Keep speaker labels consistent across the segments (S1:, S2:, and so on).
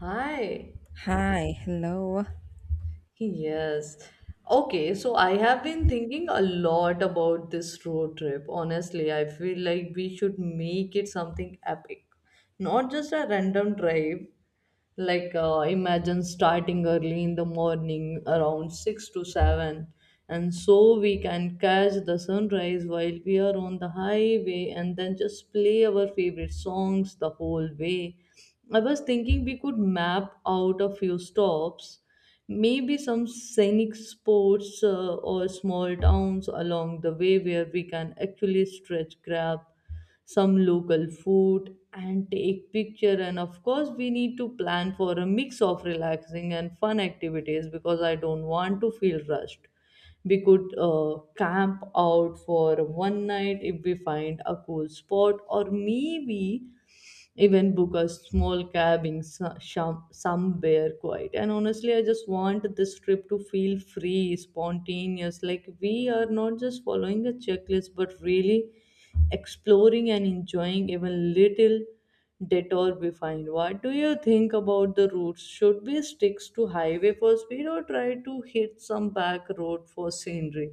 S1: Hi.
S2: Hi, hello.
S1: Yes. Okay, so I have been thinking a lot about this road trip. Honestly, I feel like we should make it something epic. Not just a random drive, imagine starting early in the morning around 6 to 7, and so we can catch the sunrise while we are on the highway and then just play our favorite songs the whole way. I was thinking we could map out a few stops. Maybe some scenic spots, or small towns along the way where we can actually stretch, grab some local food and take picture, and of course we need to plan for a mix of relaxing and fun activities because I don't want to feel rushed. We could camp out for one night if we find a cool spot, or maybe even book a small cab in somewhere quiet. And honestly, I just want this trip to feel free, spontaneous, like we are not just following a checklist but really exploring and enjoying even little detour we find. What do you think about the routes? Should we stick to highway for speed or try to hit some back road for scenery?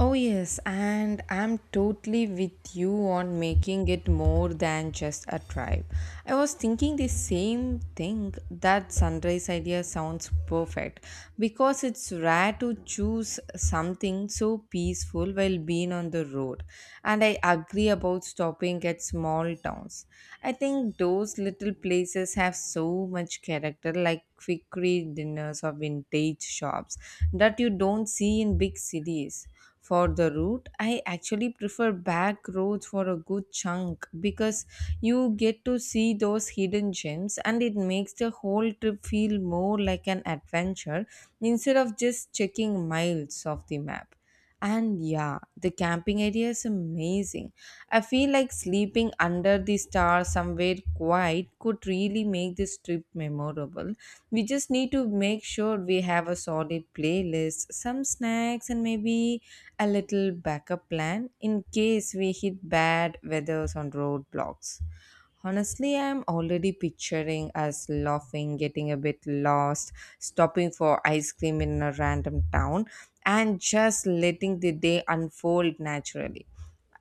S2: Oh, yes, and I'm totally with you on making it more than just a tribe. I was thinking the same thing that sunrise idea sounds perfect because it's rare to choose something so peaceful while being on the road. And I agree about stopping at small towns. I think those little places have so much character, like quickery dinners or vintage shops, that you don't see in big cities for the route. I actually prefer back roads for a good chunk because you get to see those hidden gems and it makes the whole trip feel more like an adventure instead of just checking miles of the map. And yeah, the camping area is amazing. I feel like sleeping under the stars somewhere quiet could really make this trip memorable. We just need to make sure we have a solid playlist, some snacks, and maybe a little backup plan in case we hit bad weathers on roadblocks. Honestly, I'm already picturing us laughing, getting a bit lost, stopping for ice cream in a random town, and just letting the day unfold naturally.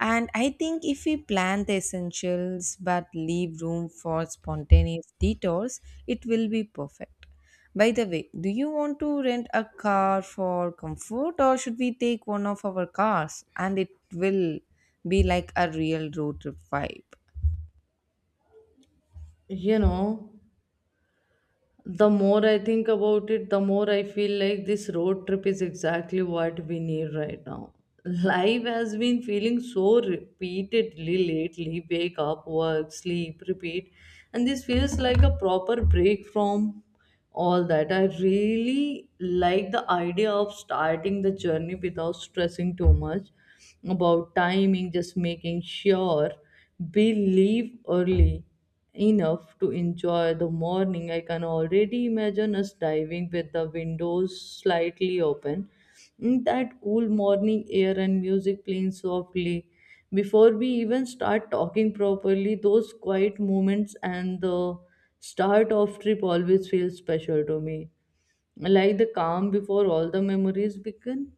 S2: And I think if we plan the essentials but leave room for spontaneous detours, it will be perfect. By the way, do you want to rent a car for comfort or should we take one of our cars and it will be like a real road trip vibe?
S1: You know, the more I think about it, the more I feel like this road trip is exactly what we need right now. Life has been feeling so repeatedly lately: wake up, work, sleep, repeat. And this feels like a proper break from all that. I really like the idea of starting the journey without stressing too much about timing, just making sure we leave early enough to enjoy the morning. I can already imagine us diving with the windows slightly open. Mm, that cool morning air and music playing softly. Before we even start talking properly, those quiet moments and the start of trip always feel special to me. Like the calm before all the memories begin.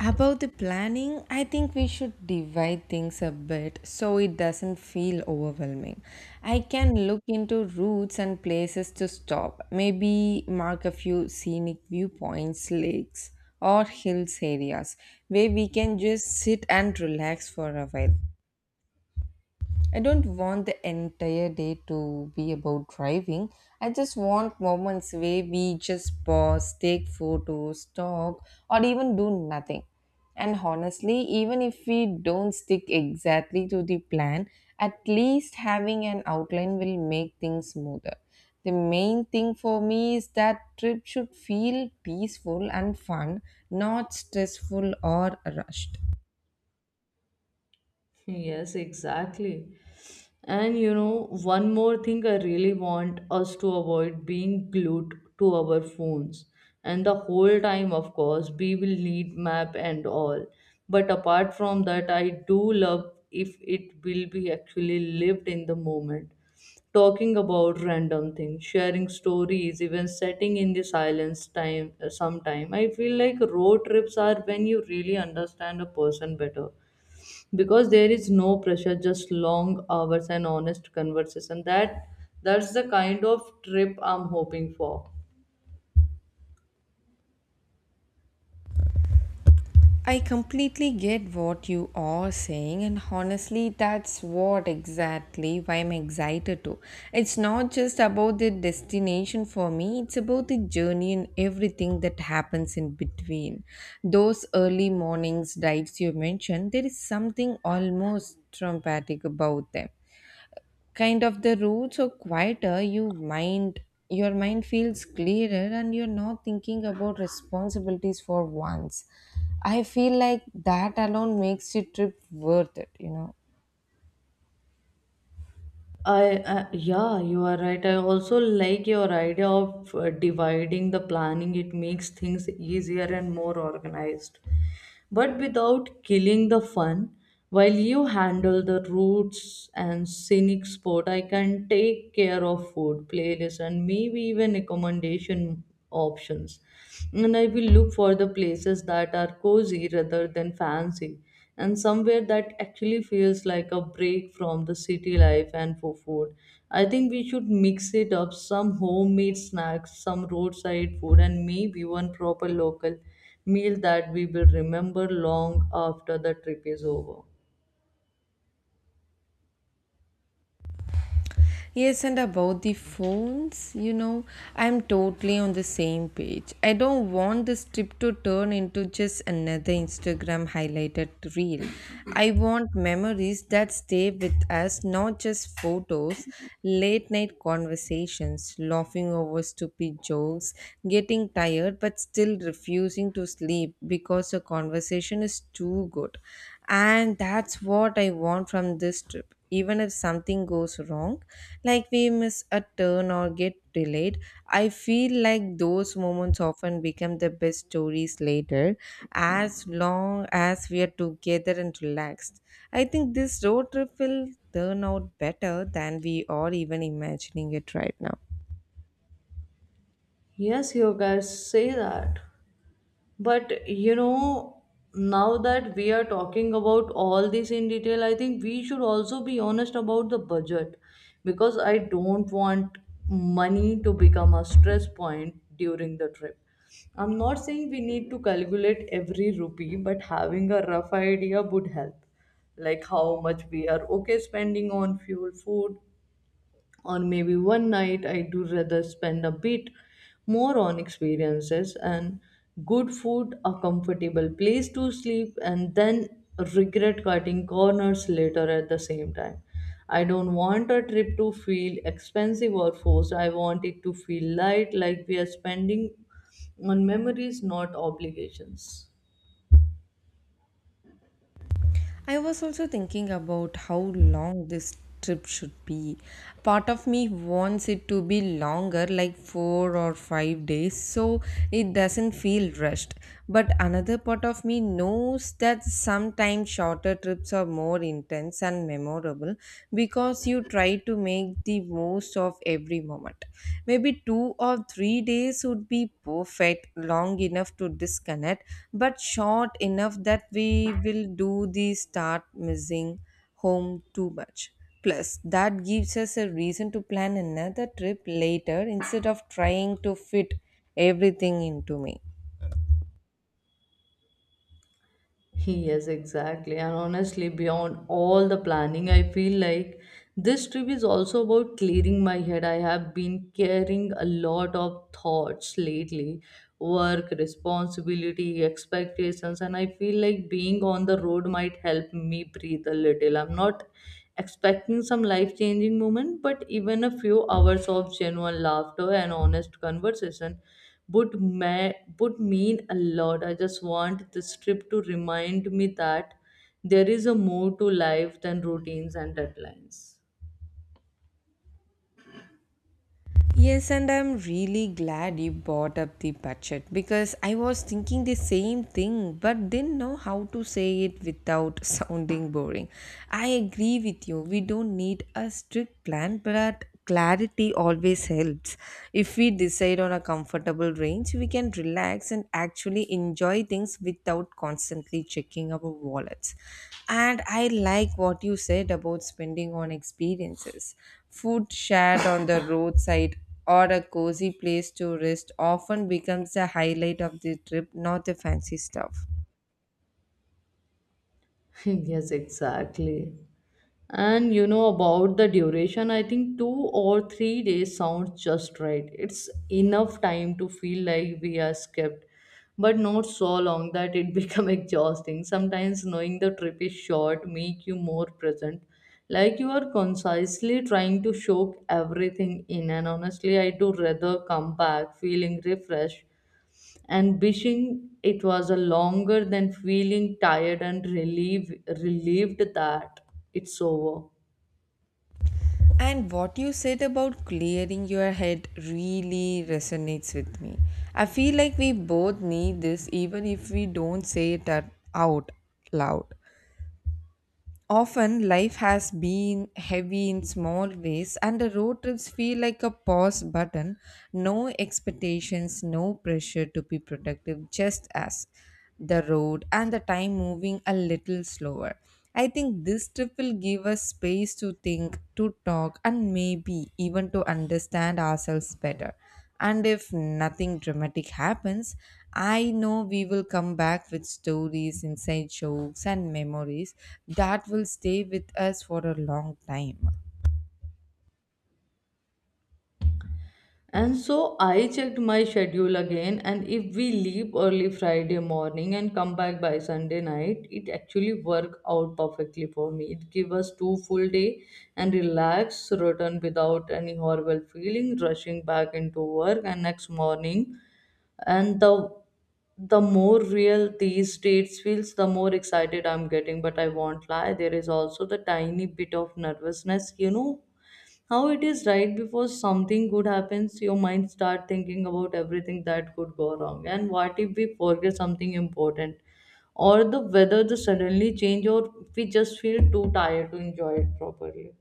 S2: About the planning, I think we should divide things a bit so it doesn't feel overwhelming. I can look into routes and places to stop, maybe mark a few scenic viewpoints, lakes, or hills areas where we can just sit and relax for a while. I don't want the entire day to be about driving. I just want moments where we just pause, take photos, talk, or even do nothing. And honestly, even if we don't stick exactly to the plan, at least having an outline will make things smoother. The main thing for me is that trip should feel peaceful and fun, not stressful or rushed.
S1: Yes, exactly. And you know, one more thing, I really want us to avoid being glued to our phones. And the whole time, of course, we will need map and all. But apart from that, I do love if it will be actually lived in the moment. Talking about random things, sharing stories, even setting in the silence time sometime. I feel like road trips are when you really understand a person better because there is no pressure, just long hours and honest conversation. That's the kind of trip I'm hoping for.
S2: I completely get what you are saying, and honestly, that's what exactly why I'm excited to. It's not just about the destination for me, it's about the journey and everything that happens in between. Those early mornings drives you mentioned, there is something almost traumatic about them, kind of the roads are quieter, your mind feels clearer and you're not thinking about responsibilities for once. I feel like that alone makes the trip worth it.
S1: I yeah, you are right. I also like your idea of dividing the planning. It makes things easier and more organized, but without killing the fun. While you handle the roots and scenic spot, I can take care of food, playlist, and maybe even recommendation options. And I will look for the places that are cozy rather than fancy, and somewhere that actually feels like a break from the city life. And for food, I think we should mix it up: some homemade snacks, some roadside food, and maybe one proper local meal that we will remember long after the trip is over.
S2: Yes, and about the phones, I'm totally on the same page. I don't want this trip to turn into just another Instagram highlighted reel. I want memories that stay with us, not just photos, late night conversations, laughing over stupid jokes, getting tired but still refusing to sleep because the conversation is too good. And that's what I want from this trip. Even if something goes wrong, like we miss a turn or get delayed, I feel like those moments often become the best stories later. As long as we are together and relaxed, I think this road trip will turn out better than we are even imagining it right now.
S1: Yes, you guys say that. But you know, now that we are talking about all this in detail, I think we should also be honest about the budget because I don't want money to become a stress point during the trip. I'm not saying we need to calculate every rupee, but having a rough idea would help. Like how much we are okay spending on fuel, food, or maybe one night. I do rather spend a bit more on experiences and good food, a comfortable place to sleep, and then regret cutting corners later. At the same time, I don't want a trip to feel expensive or forced. I want it to feel light, like we are spending on memories, not obligations.
S2: I was also thinking about how long this trip should be. Part of me wants it to be longer, like 4 or 5 days, so it doesn't feel rushed. But another part of me knows that sometimes shorter trips are more intense and memorable because you try to make the most of every moment. Maybe 2 or 3 days would be perfect, long enough to disconnect, but short enough that we will do the start missing home too much. Plus, that gives us a reason to plan another trip later instead of trying to fit everything into me.
S1: Yes, exactly. And honestly, beyond all the planning, I feel like this trip is also about clearing my head. I have been carrying a lot of thoughts lately: work, responsibility, expectations, and I feel like being on the road might help me breathe a little. I'm not expecting some life changing moment, but even a few hours of genuine laughter and honest conversation would ma- would mean a lot. I just want this trip to remind me that there is a more to life than routines and deadlines.
S2: Yes, and I'm really glad you brought up the budget because I was thinking the same thing but didn't know how to say it without sounding boring. I agree with you, we don't need a strict plan, but clarity always helps. If we decide on a comfortable range, we can relax and actually enjoy things without constantly checking our wallets. And I like what you said about spending on experiences. Food shared on the roadside or a cozy place to rest often becomes the highlight of the trip, not the fancy stuff.
S1: Yes, exactly. And you know, about the duration, I think 2 or 3 days sounds just right. It's enough time to feel like we are skipped, but not so long that it become exhausting. Sometimes knowing the trip is short make you more present, like you are concisely trying to soak everything in. And honestly, I do rather come back feeling refreshed and wishing it was a longer than feeling tired and relieved that it's over.
S2: And what you said about clearing your head really resonates with me. I feel like we both need this even if we don't say it out loud. Often life has been heavy in small ways, and the road trips feel like a pause button. No expectations, no pressure to be productive, just as the road and the time moving a little slower. I think this trip will give us space to think, to talk, and maybe even to understand ourselves better. And if nothing dramatic happens, I know we will come back with stories, inside jokes, and memories that will stay with us for a long time.
S1: And so I checked my schedule again, and if we leave early Friday morning and come back by Sunday night, it actually worked out perfectly for me. It gave us two full day and relax, return without any horrible feeling, rushing back into work and next morning. And the more real these dates feels, the more excited I'm getting. But I won't lie, there is also the tiny bit of nervousness, you know, how it is right before something good happens. Your mind start thinking about everything that could go wrong, and what if we forget something important, or the weather just suddenly change, or we just feel too tired to enjoy it properly.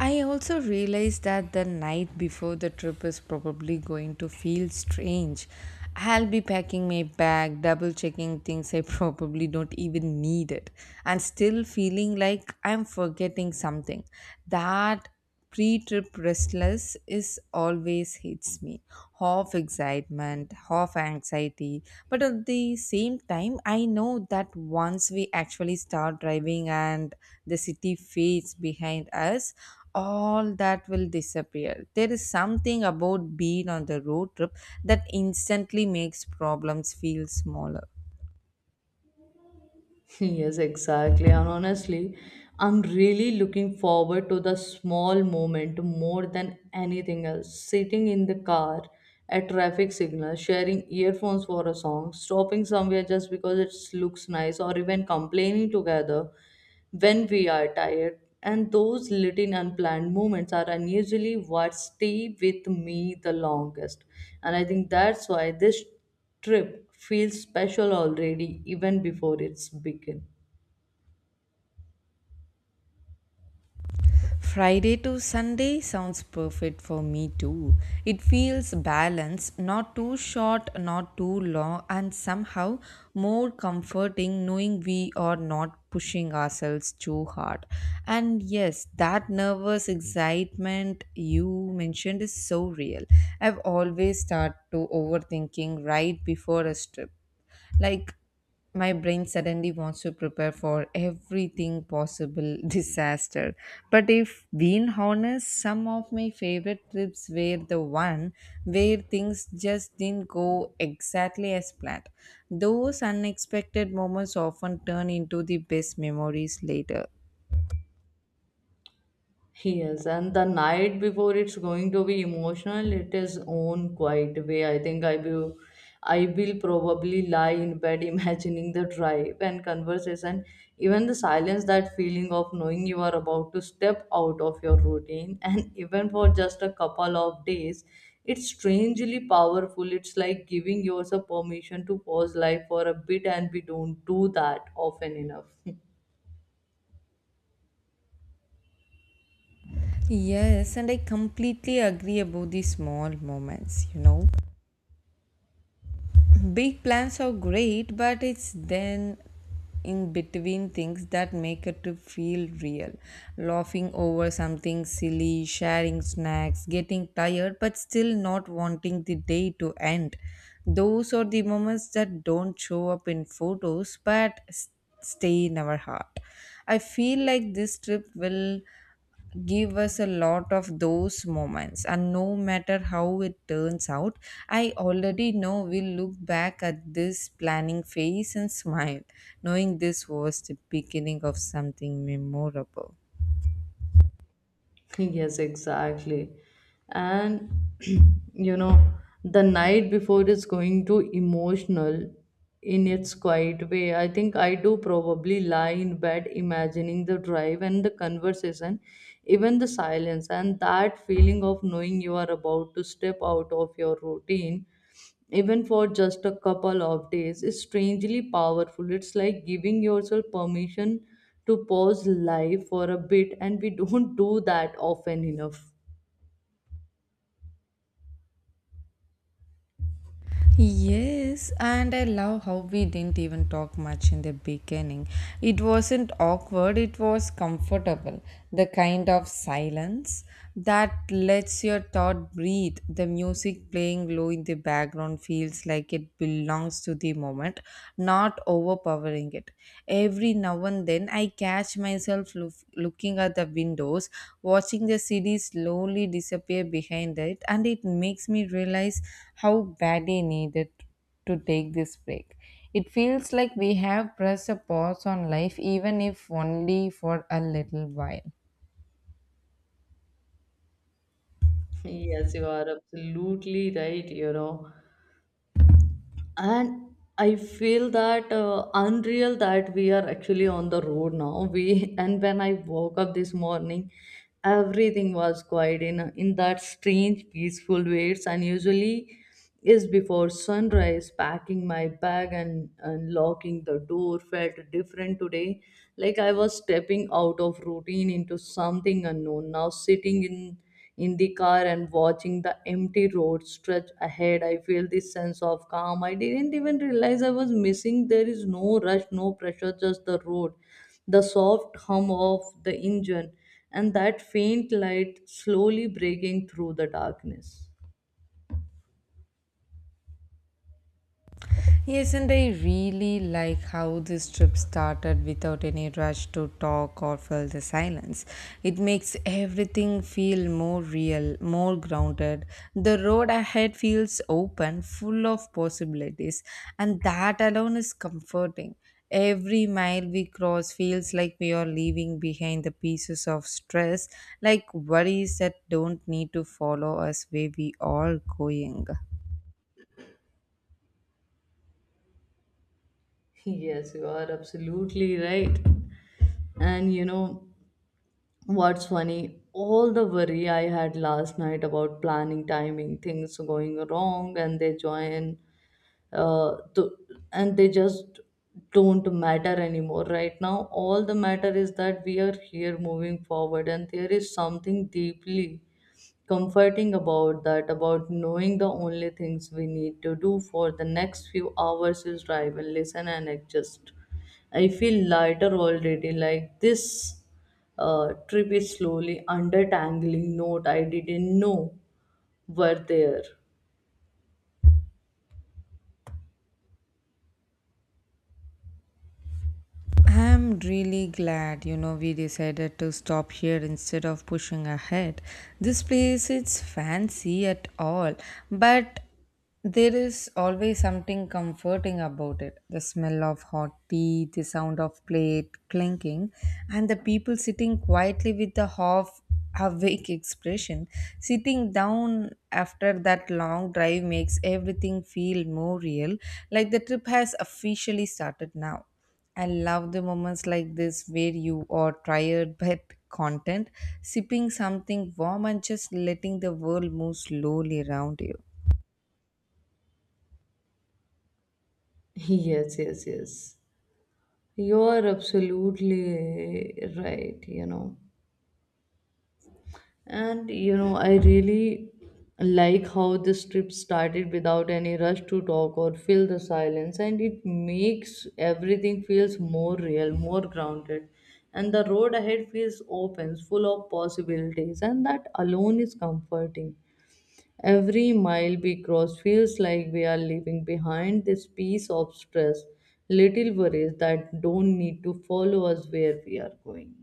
S2: I also realized that the night before the trip is probably going to feel strange. I'll be packing my bag, double checking things I probably don't even need it, and still feeling like I'm forgetting something. That pre-trip restless is always hits me, half excitement, half anxiety. But at the same time, I know that once we actually start driving and the city fades behind us, all that will disappear. There is something about being on the road trip that instantly makes problems feel smaller.
S1: Yes, exactly. And honestly, I'm really looking forward to the small moment more than anything else. Sitting in the car at traffic signal, sharing earphones for a song, stopping somewhere just because it looks nice, or even complaining together when we are tired. And those little unplanned moments are unusually what stay with me the longest. And I think that's why this trip feels special already, even before it's begun.
S2: Friday to Sunday sounds perfect for me too. It feels balanced, not too short, not too long, and somehow more comforting knowing we are not pushing ourselves too hard. And yes, that nervous excitement you mentioned is so real. I've always started to overthinking right before a trip. Like, my brain suddenly wants to prepare for everything possible disaster. But if being honest, some of my favorite trips were the one where things just didn't go exactly as planned. Those unexpected moments often turn into the best memories later.
S1: Yes, and the night before it's going to be emotional. It is own quiet way. I think I will probably lie in bed imagining the drive and conversation, even the silence. That feeling of knowing you are about to step out of your routine, and even for just a couple of days, it's strangely powerful. It's like giving yourself permission to pause life for a bit, and we don't do that often enough.
S2: Yes, and I completely agree about the small moments. Big plans are great, but it's then in between things that make a trip feel real. Laughing over something silly, sharing snacks, getting tired, but still not wanting the day to end. Those are the moments that don't show up in photos but stay in our heart. I feel like this trip will give us a lot of those moments, and no matter how it turns out, I already know we'll look back at this planning phase and smile, knowing this was the beginning of something memorable.
S1: Yes, exactly. And you know, the night before is going to emotional in its quiet way. I think I do probably lie in bed imagining the drive and the conversation, even the silence, and that feeling of knowing you are about to step out of your routine even for just a couple of days, is strangely powerful. It's like giving yourself permission to pause life for a bit, and we don't do that often enough.
S2: Yes, and I love how we didn't even talk much in the beginning. It wasn't awkward, it was comfortable. The kind of silence that lets your thought breathe. The music playing low in the background feels like it belongs to the moment, not overpowering it market. Every now and then, I catch myself looking at the windows, watching the city slowly disappear behind it, and it makes me realize how badly I needed to take this break. It feels like we have pressed a pause on life, even if only for a little while.
S1: Yes, you are absolutely right, you know. And I feel that unreal that we are actually on the road now we. And when I woke up this morning, everything was quiet in that strange peaceful way. It's unusually is before sunrise. Packing my bag and locking the door felt different today, like I was stepping out of routine into something unknown. Now sitting in the car and watching the empty road stretch ahead, I feel this sense of calm I didn't even realize I was missing. There is no rush, no pressure, just the road, the soft hum of the engine, and that faint light slowly breaking through the darkness.
S2: Yes, and I really like how this trip started without any rush to talk or fill the silence. It makes everything feel more real, more grounded. The road ahead feels open, full of possibilities, and that alone is comforting. Every mile we cross feels like we are leaving behind the pieces of stress, like worries that don't need to follow us where we are going.
S1: Yes, you are absolutely right. And you know what's funny? All the worry I had last night about planning, timing, things going wrong, uh, to, and they just don't matter anymore right now. All the matter is that we are here moving forward, and there is something deeply comforting about that, about knowing the only things we need to do for the next few hours is drive and listen and adjust. I feel lighter already, like this trip is slowly undertangling note I didn't know were there.
S2: I'm really glad, we decided to stop here instead of pushing ahead. This place is fancy at all, but there is always something comforting about it. The smell of hot tea, the sound of plate clinking, and the people sitting quietly with a half awake expression. Sitting down after that long drive makes everything feel more real, like the trip has officially started now. I love the moments like this where you are tired but content, sipping something warm and just letting the world move slowly around you.
S1: Yes, yes, yes. You are absolutely right, you know. And you know, I really like how this trip started without any rush to talk or fill the silence, and it makes everything feels more real, more grounded. And the road ahead feels open, full of possibilities, and that alone is comforting. Every mile we cross feels like we are leaving behind this piece of stress, little worries that don't need to follow us where we are going.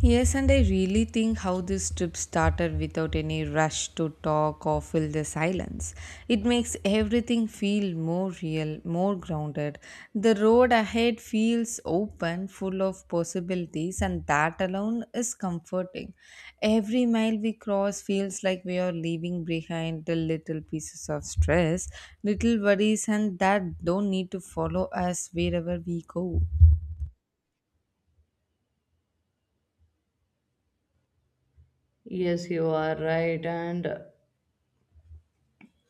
S2: Yes, and I really think how this trip started without any rush to talk or fill the silence. It makes everything feel more real, more grounded. The road ahead feels open, full of possibilities, and that alone is comforting. Every mile we cross feels like we are leaving behind the little pieces of stress, little worries, and that don't need to follow us wherever we go.
S1: Yes, you are right. And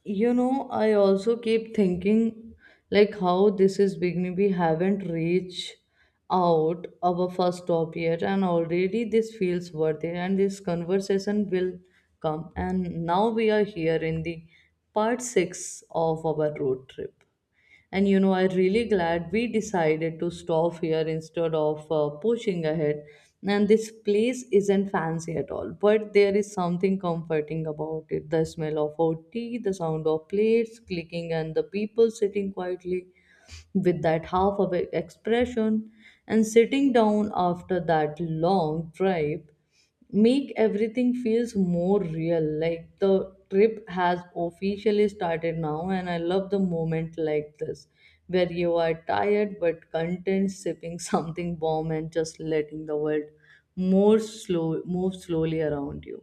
S1: you know, I also keep thinking like how this is beginning. We haven't reached out our first stop yet, and already this feels worth it. And this conversation will come. And now we are here in the part six of our road trip. And you know, I'm really glad we decided to stop here instead of pushing ahead. And this place isn't fancy at all, but there is something comforting about it. The smell of our tea, the sound of plates clicking, and the people sitting quietly with that half of expression and sitting down after that long drive make everything feels more real, like the trip has officially started now. And I love the moment like this where you are tired but content, sipping something warm and just letting the world more slow move slowly around you.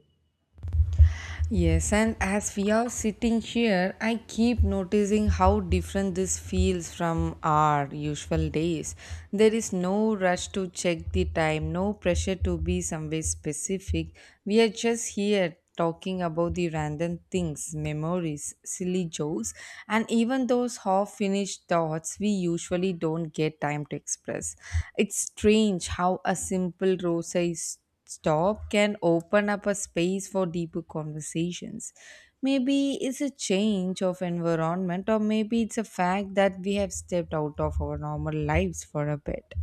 S2: Yes, and as we are sitting here, I keep noticing how different this feels from our usual days. There is no rush to check the time, no pressure to be somewhere specific. We are just here talking about the random things, memories, silly jokes, and even those half finished thoughts we usually don't get time to express. It's strange how a simple rose stop can open up a space for deeper conversations. Maybe it's a change of environment, or maybe it's a fact that we have stepped out of our normal lives for a bit.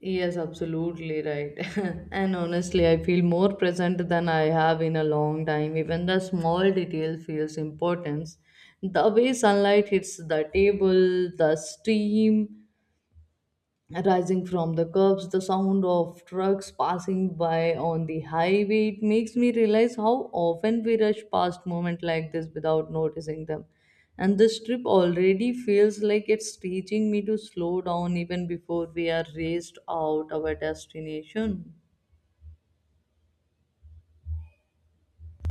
S1: Yes, absolutely right. And honestly, I feel more present than I have in a long time. Even the small detail feels importance. The way sunlight hits the table, the steam rising from the curbs, the sound of trucks passing by on the highway. It makes me realize how often we rush past moments like this without noticing them. And this trip already feels like it's teaching me to slow down even before we are raced out our destination.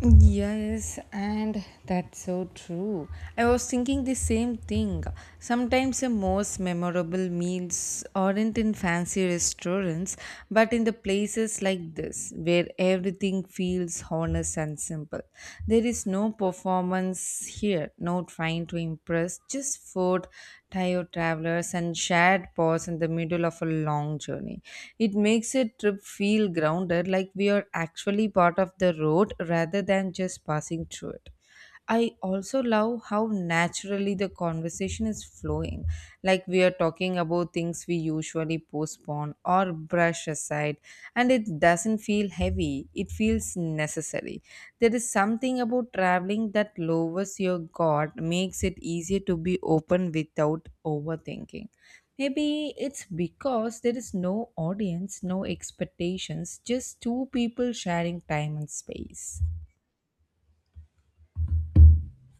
S2: Yes, and that's so true. I was thinking the same thing. Sometimes the most memorable meals aren't in fancy restaurants, but in the places like this, where everything feels honest and simple. There is no performance here, no trying to impress, just food, tired travelers and shared pause in the middle of a long journey. It makes a trip feel grounded, like we are actually part of the road rather than just passing through it. I also love how naturally the conversation is flowing, like we are talking about things we usually postpone or brush aside, and it doesn't feel heavy, it feels necessary. There is something about traveling that lowers your guard, makes it easier to be open without overthinking. Maybe it's because there is no audience, no expectations, just two people sharing time and space.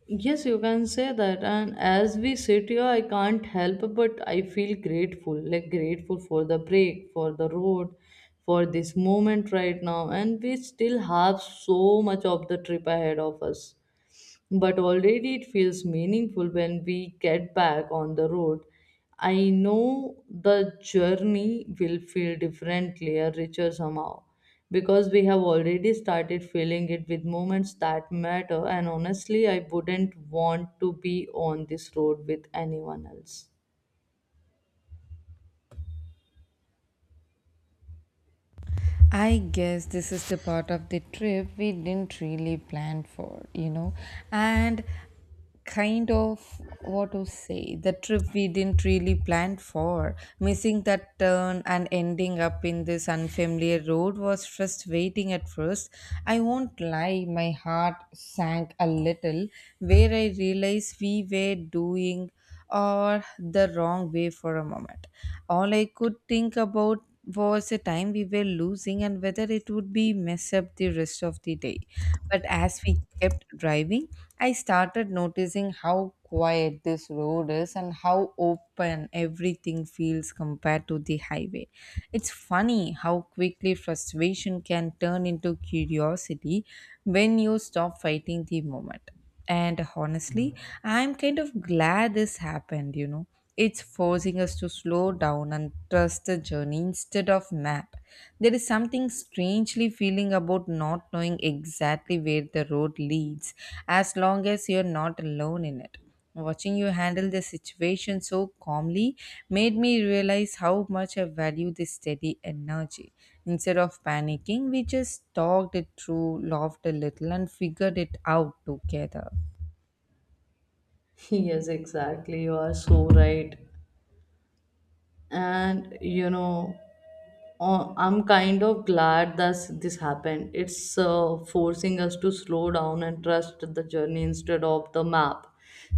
S1: Yes, you can say that. And as we sit here, I can't help but I feel grateful, like grateful for the break, for the road, for this moment right now. And we still have so much of the trip ahead of us, but already it feels meaningful when we get back on the road. I know the journey will feel differently or richer somehow, because we have already started feeling it with moments that matter, and honestly, I wouldn't want to be on this road with anyone else.
S2: I guess this is the part of the trip we didn't really plan for, and kind of what to say, the trip we didn't really plan for, missing that turn and ending up in this unfamiliar road was frustrating at first. I won't lie, my heart sank a little where I realized we were doing or the wrong way for a moment. All I could think about was the time we were losing and whether it would be mess up the rest of the day. But as we kept driving, I started noticing how quiet this road is and how open everything feels compared to the highway. It's funny how quickly frustration can turn into curiosity when you stop fighting the moment. And honestly, I'm kind of glad this happened. It's forcing us to slow down and trust the journey instead of map. There is something strangely feeling about not knowing exactly where the road leads as long as you're not alone in it. Watching you handle the situation so calmly made me realize how much I value this steady energy. Instead of panicking, we just talked it through, laughed a little, and figured it out together.
S1: Yes, exactly. You are so right. And you know, I'm kind of glad that this happened. It's forcing us to slow down and trust the journey instead of the map.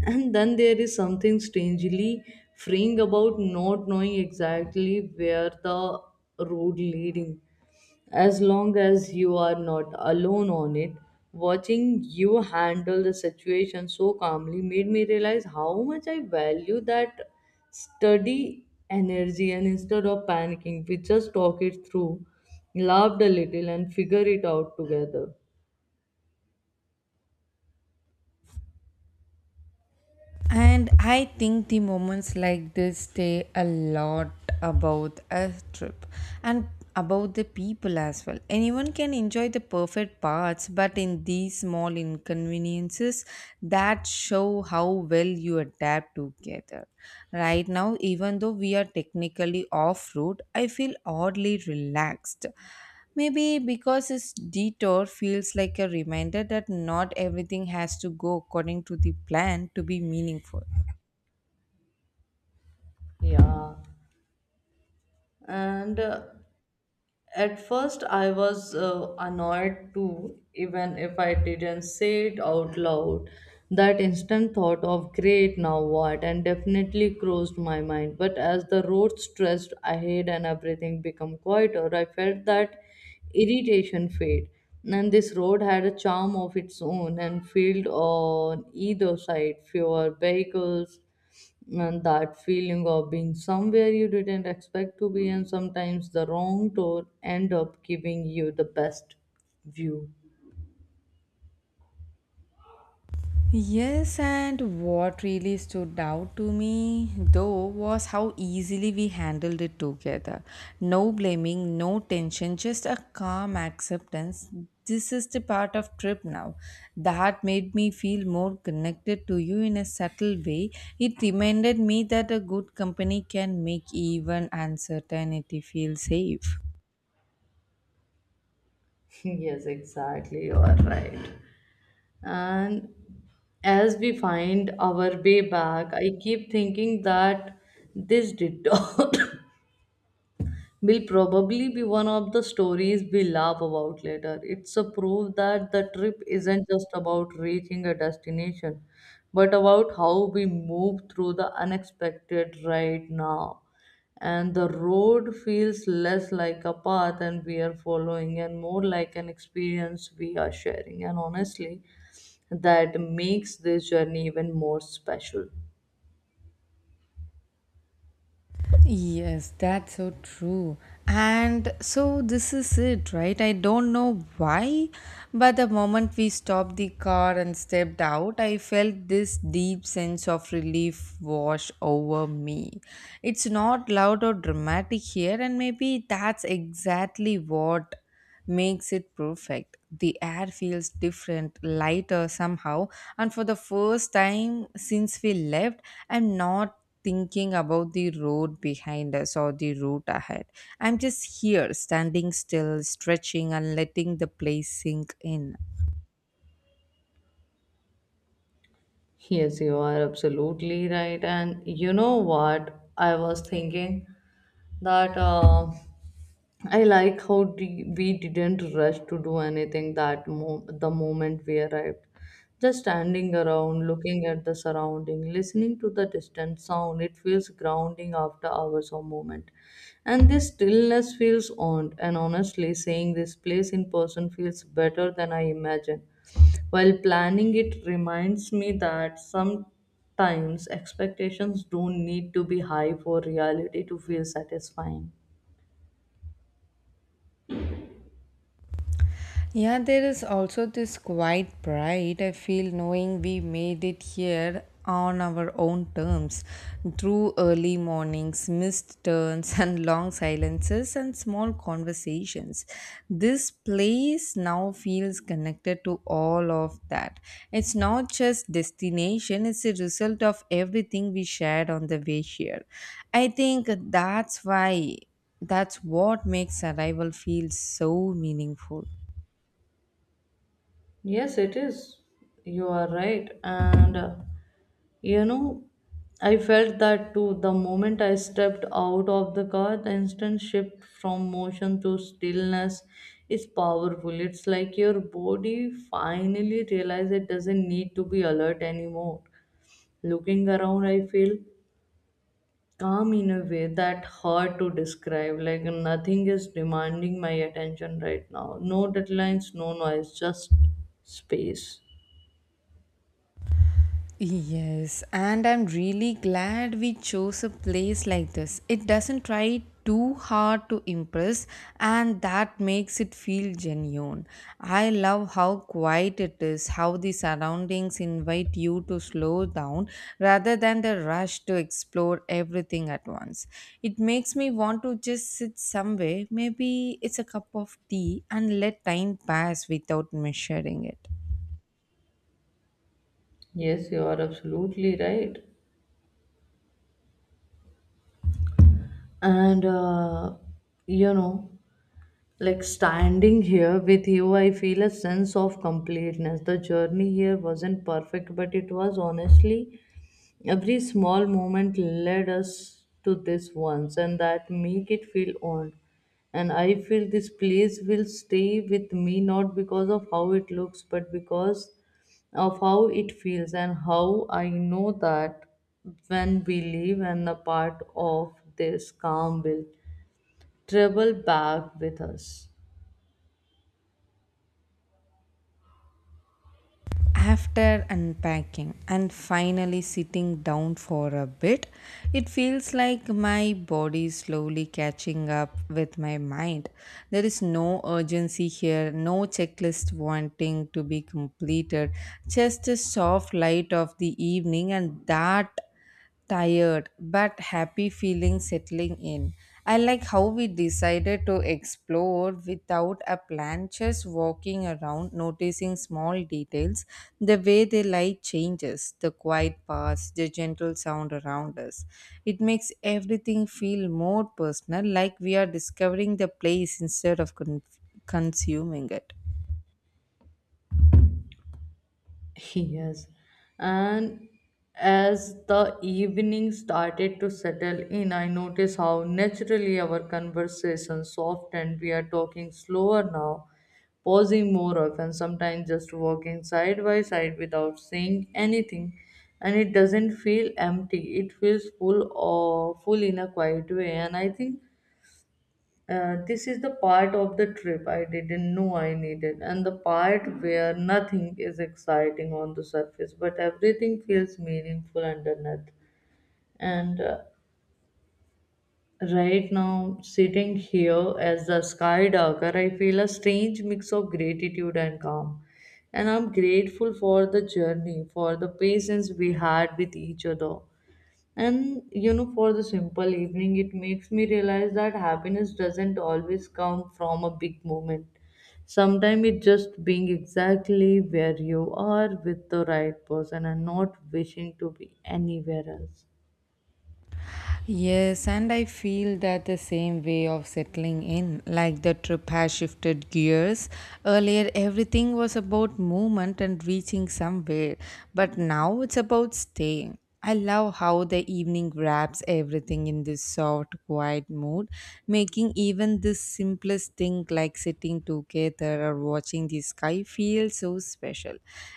S1: And then there is something strangely freeing about not knowing exactly where the road leading, as long as you are not alone on it. Watching you handle the situation so calmly made me realize how much I value that steady energy, and instead of panicking, we just talk it through, laughed a little, and figure it out together.
S2: And I think the moments like this say a lot about a trip and about the people as well. Anyone can enjoy the perfect parts, but in these small inconveniences that show how well you adapt together. Right now, even though we are technically off route, I feel oddly relaxed. Maybe because this detour feels like a reminder that not everything has to go according to the plan to be meaningful.
S1: Yeah, and At first, I was annoyed too, even if I didn't say it out loud. That instant thought of great now what and definitely crossed my mind. But as the road stretched ahead and everything became quieter, I felt that irritation fade. And this road had a charm of its own, and field on either side, fewer vehicles, and that feeling of being somewhere you didn't expect to be, and sometimes the wrong door end up giving you the best view.
S2: Yes, and what really stood out to me though was how easily we handled it together. No blaming, no tension, just a calm acceptance. This is the part of trip now. That made me feel more connected to you in a subtle way. It reminded me that a good company can make even uncertainty feel safe.
S1: Yes, exactly, you are right. And as we find our way back, I keep thinking that this detour will probably be one of the stories we laugh about later. It's a proof that the trip isn't just about reaching a destination, but about how we move through the unexpected right now. And the road feels less like a path and we are following and more like an experience we are sharing. And honestly, that makes this journey even more special.
S2: Yes, that's so true. And so this is it, right? I don't know why, but the moment we stopped the car and stepped out, I felt this deep sense of relief wash over me. It's not loud or dramatic here, and maybe that's exactly what makes it perfect. The air feels different, lighter somehow, and for the first time since we left, I'm not thinking about the road behind us or the route ahead. I'm just here, standing still, stretching, and letting the place sink in.
S1: Yes, you are absolutely right. And you know what? I was thinking that, I like how we didn't rush to do anything the moment we arrived. Just standing around, looking at the surrounding, listening to the distant sound, it feels grounding after hours or moment. And this stillness feels owned. And honestly, saying this place in person feels better than I imagined. While planning, it reminds me that sometimes expectations don't need to be high for reality to feel satisfying.
S2: Yeah, there is also this quiet pride I feel knowing we made it here on our own terms, through early mornings, missed turns, and long silences and small conversations. This place now feels connected to all of that. It's not just destination, it's a result of everything we shared on the way here. I think that's why, that's what makes arrival feel so meaningful.
S1: Yes, it is. You are right. You know, I felt that too. The moment I stepped out of the car, the instant shift from motion to stillness is powerful. It's like your body finally realizes it doesn't need to be alert anymore. Looking around, I feel calm in a way that hard to describe, like nothing is demanding my attention right now. No deadlines, no noise, just space.
S2: Yes, and I'm really glad we chose a place like this. It doesn't try too hard to impress, and that makes it feel genuine. I love how quiet it is, how the surroundings invite you to slow down rather than the rush to explore everything at once. It makes me want to just sit somewhere, maybe it's a cup of tea, and let time pass without measuring it.
S1: Yes, you are absolutely right. and you know Like standing here with you, I feel a sense of completeness. The journey here wasn't perfect, but it was honestly every small moment led us to this once, and that make it feel owned. And I feel this place will stay with me, not because of how it looks, but because of how it feels, and how I know that when we leave, and a part of this calm will travel back with us.
S2: After unpacking and finally sitting down for a bit, it feels like my body is slowly catching up with my mind. There is no urgency here, no checklist wanting to be completed, just a soft light of the evening, and that tired but happy feeling settling in. I like how we decided to explore without a plan, just walking around, noticing small details, the way the light changes, the quiet paths, the gentle sound around us. It makes everything feel more personal, like we are discovering the place instead of consuming it.
S1: Yes. And as the evening started to settle in, I noticed how naturally our conversation softened. We are talking slower now, pausing more often, sometimes just walking side by side without saying anything. And it doesn't feel empty, it feels full in a quiet way. And I think this is the part of the trip I didn't know I needed, and the part where nothing is exciting on the surface, but everything feels meaningful underneath. And Right now, sitting here as a skydiver, I feel a strange mix of gratitude and calm. And I'm grateful for the journey, for the patience we had with each other, and you know, for the simple evening. It makes me realize that happiness doesn't always come from a big moment. Sometimes it just being exactly where you are with the right person and not wishing to be anywhere else.
S2: Yes, and I feel that the same way of settling in, like the trip has shifted gears. Earlier, everything was about movement and reaching somewhere, but now it's about staying. I love how the evening wraps everything in this soft, quiet mood, making even the simplest thing like sitting together or watching the sky feel so special.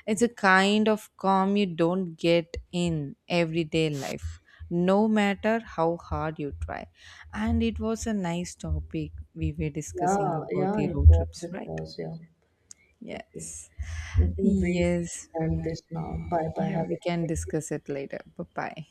S2: It's a kind of calm you don't get in everyday life, no matter how hard you try. And it was a nice topic we were discussing
S1: Yeah,
S2: about
S1: yeah,
S2: the
S1: it
S2: road
S1: was,
S2: trips,
S1: it
S2: right?
S1: was, yeah. Okay,
S2: Yes.
S1: we can wait
S2: Yes.
S1: and this now. Bye bye.
S2: Yeah,
S1: Have
S2: we
S1: a good
S2: can
S1: day.
S2: discuss it later. Bye bye.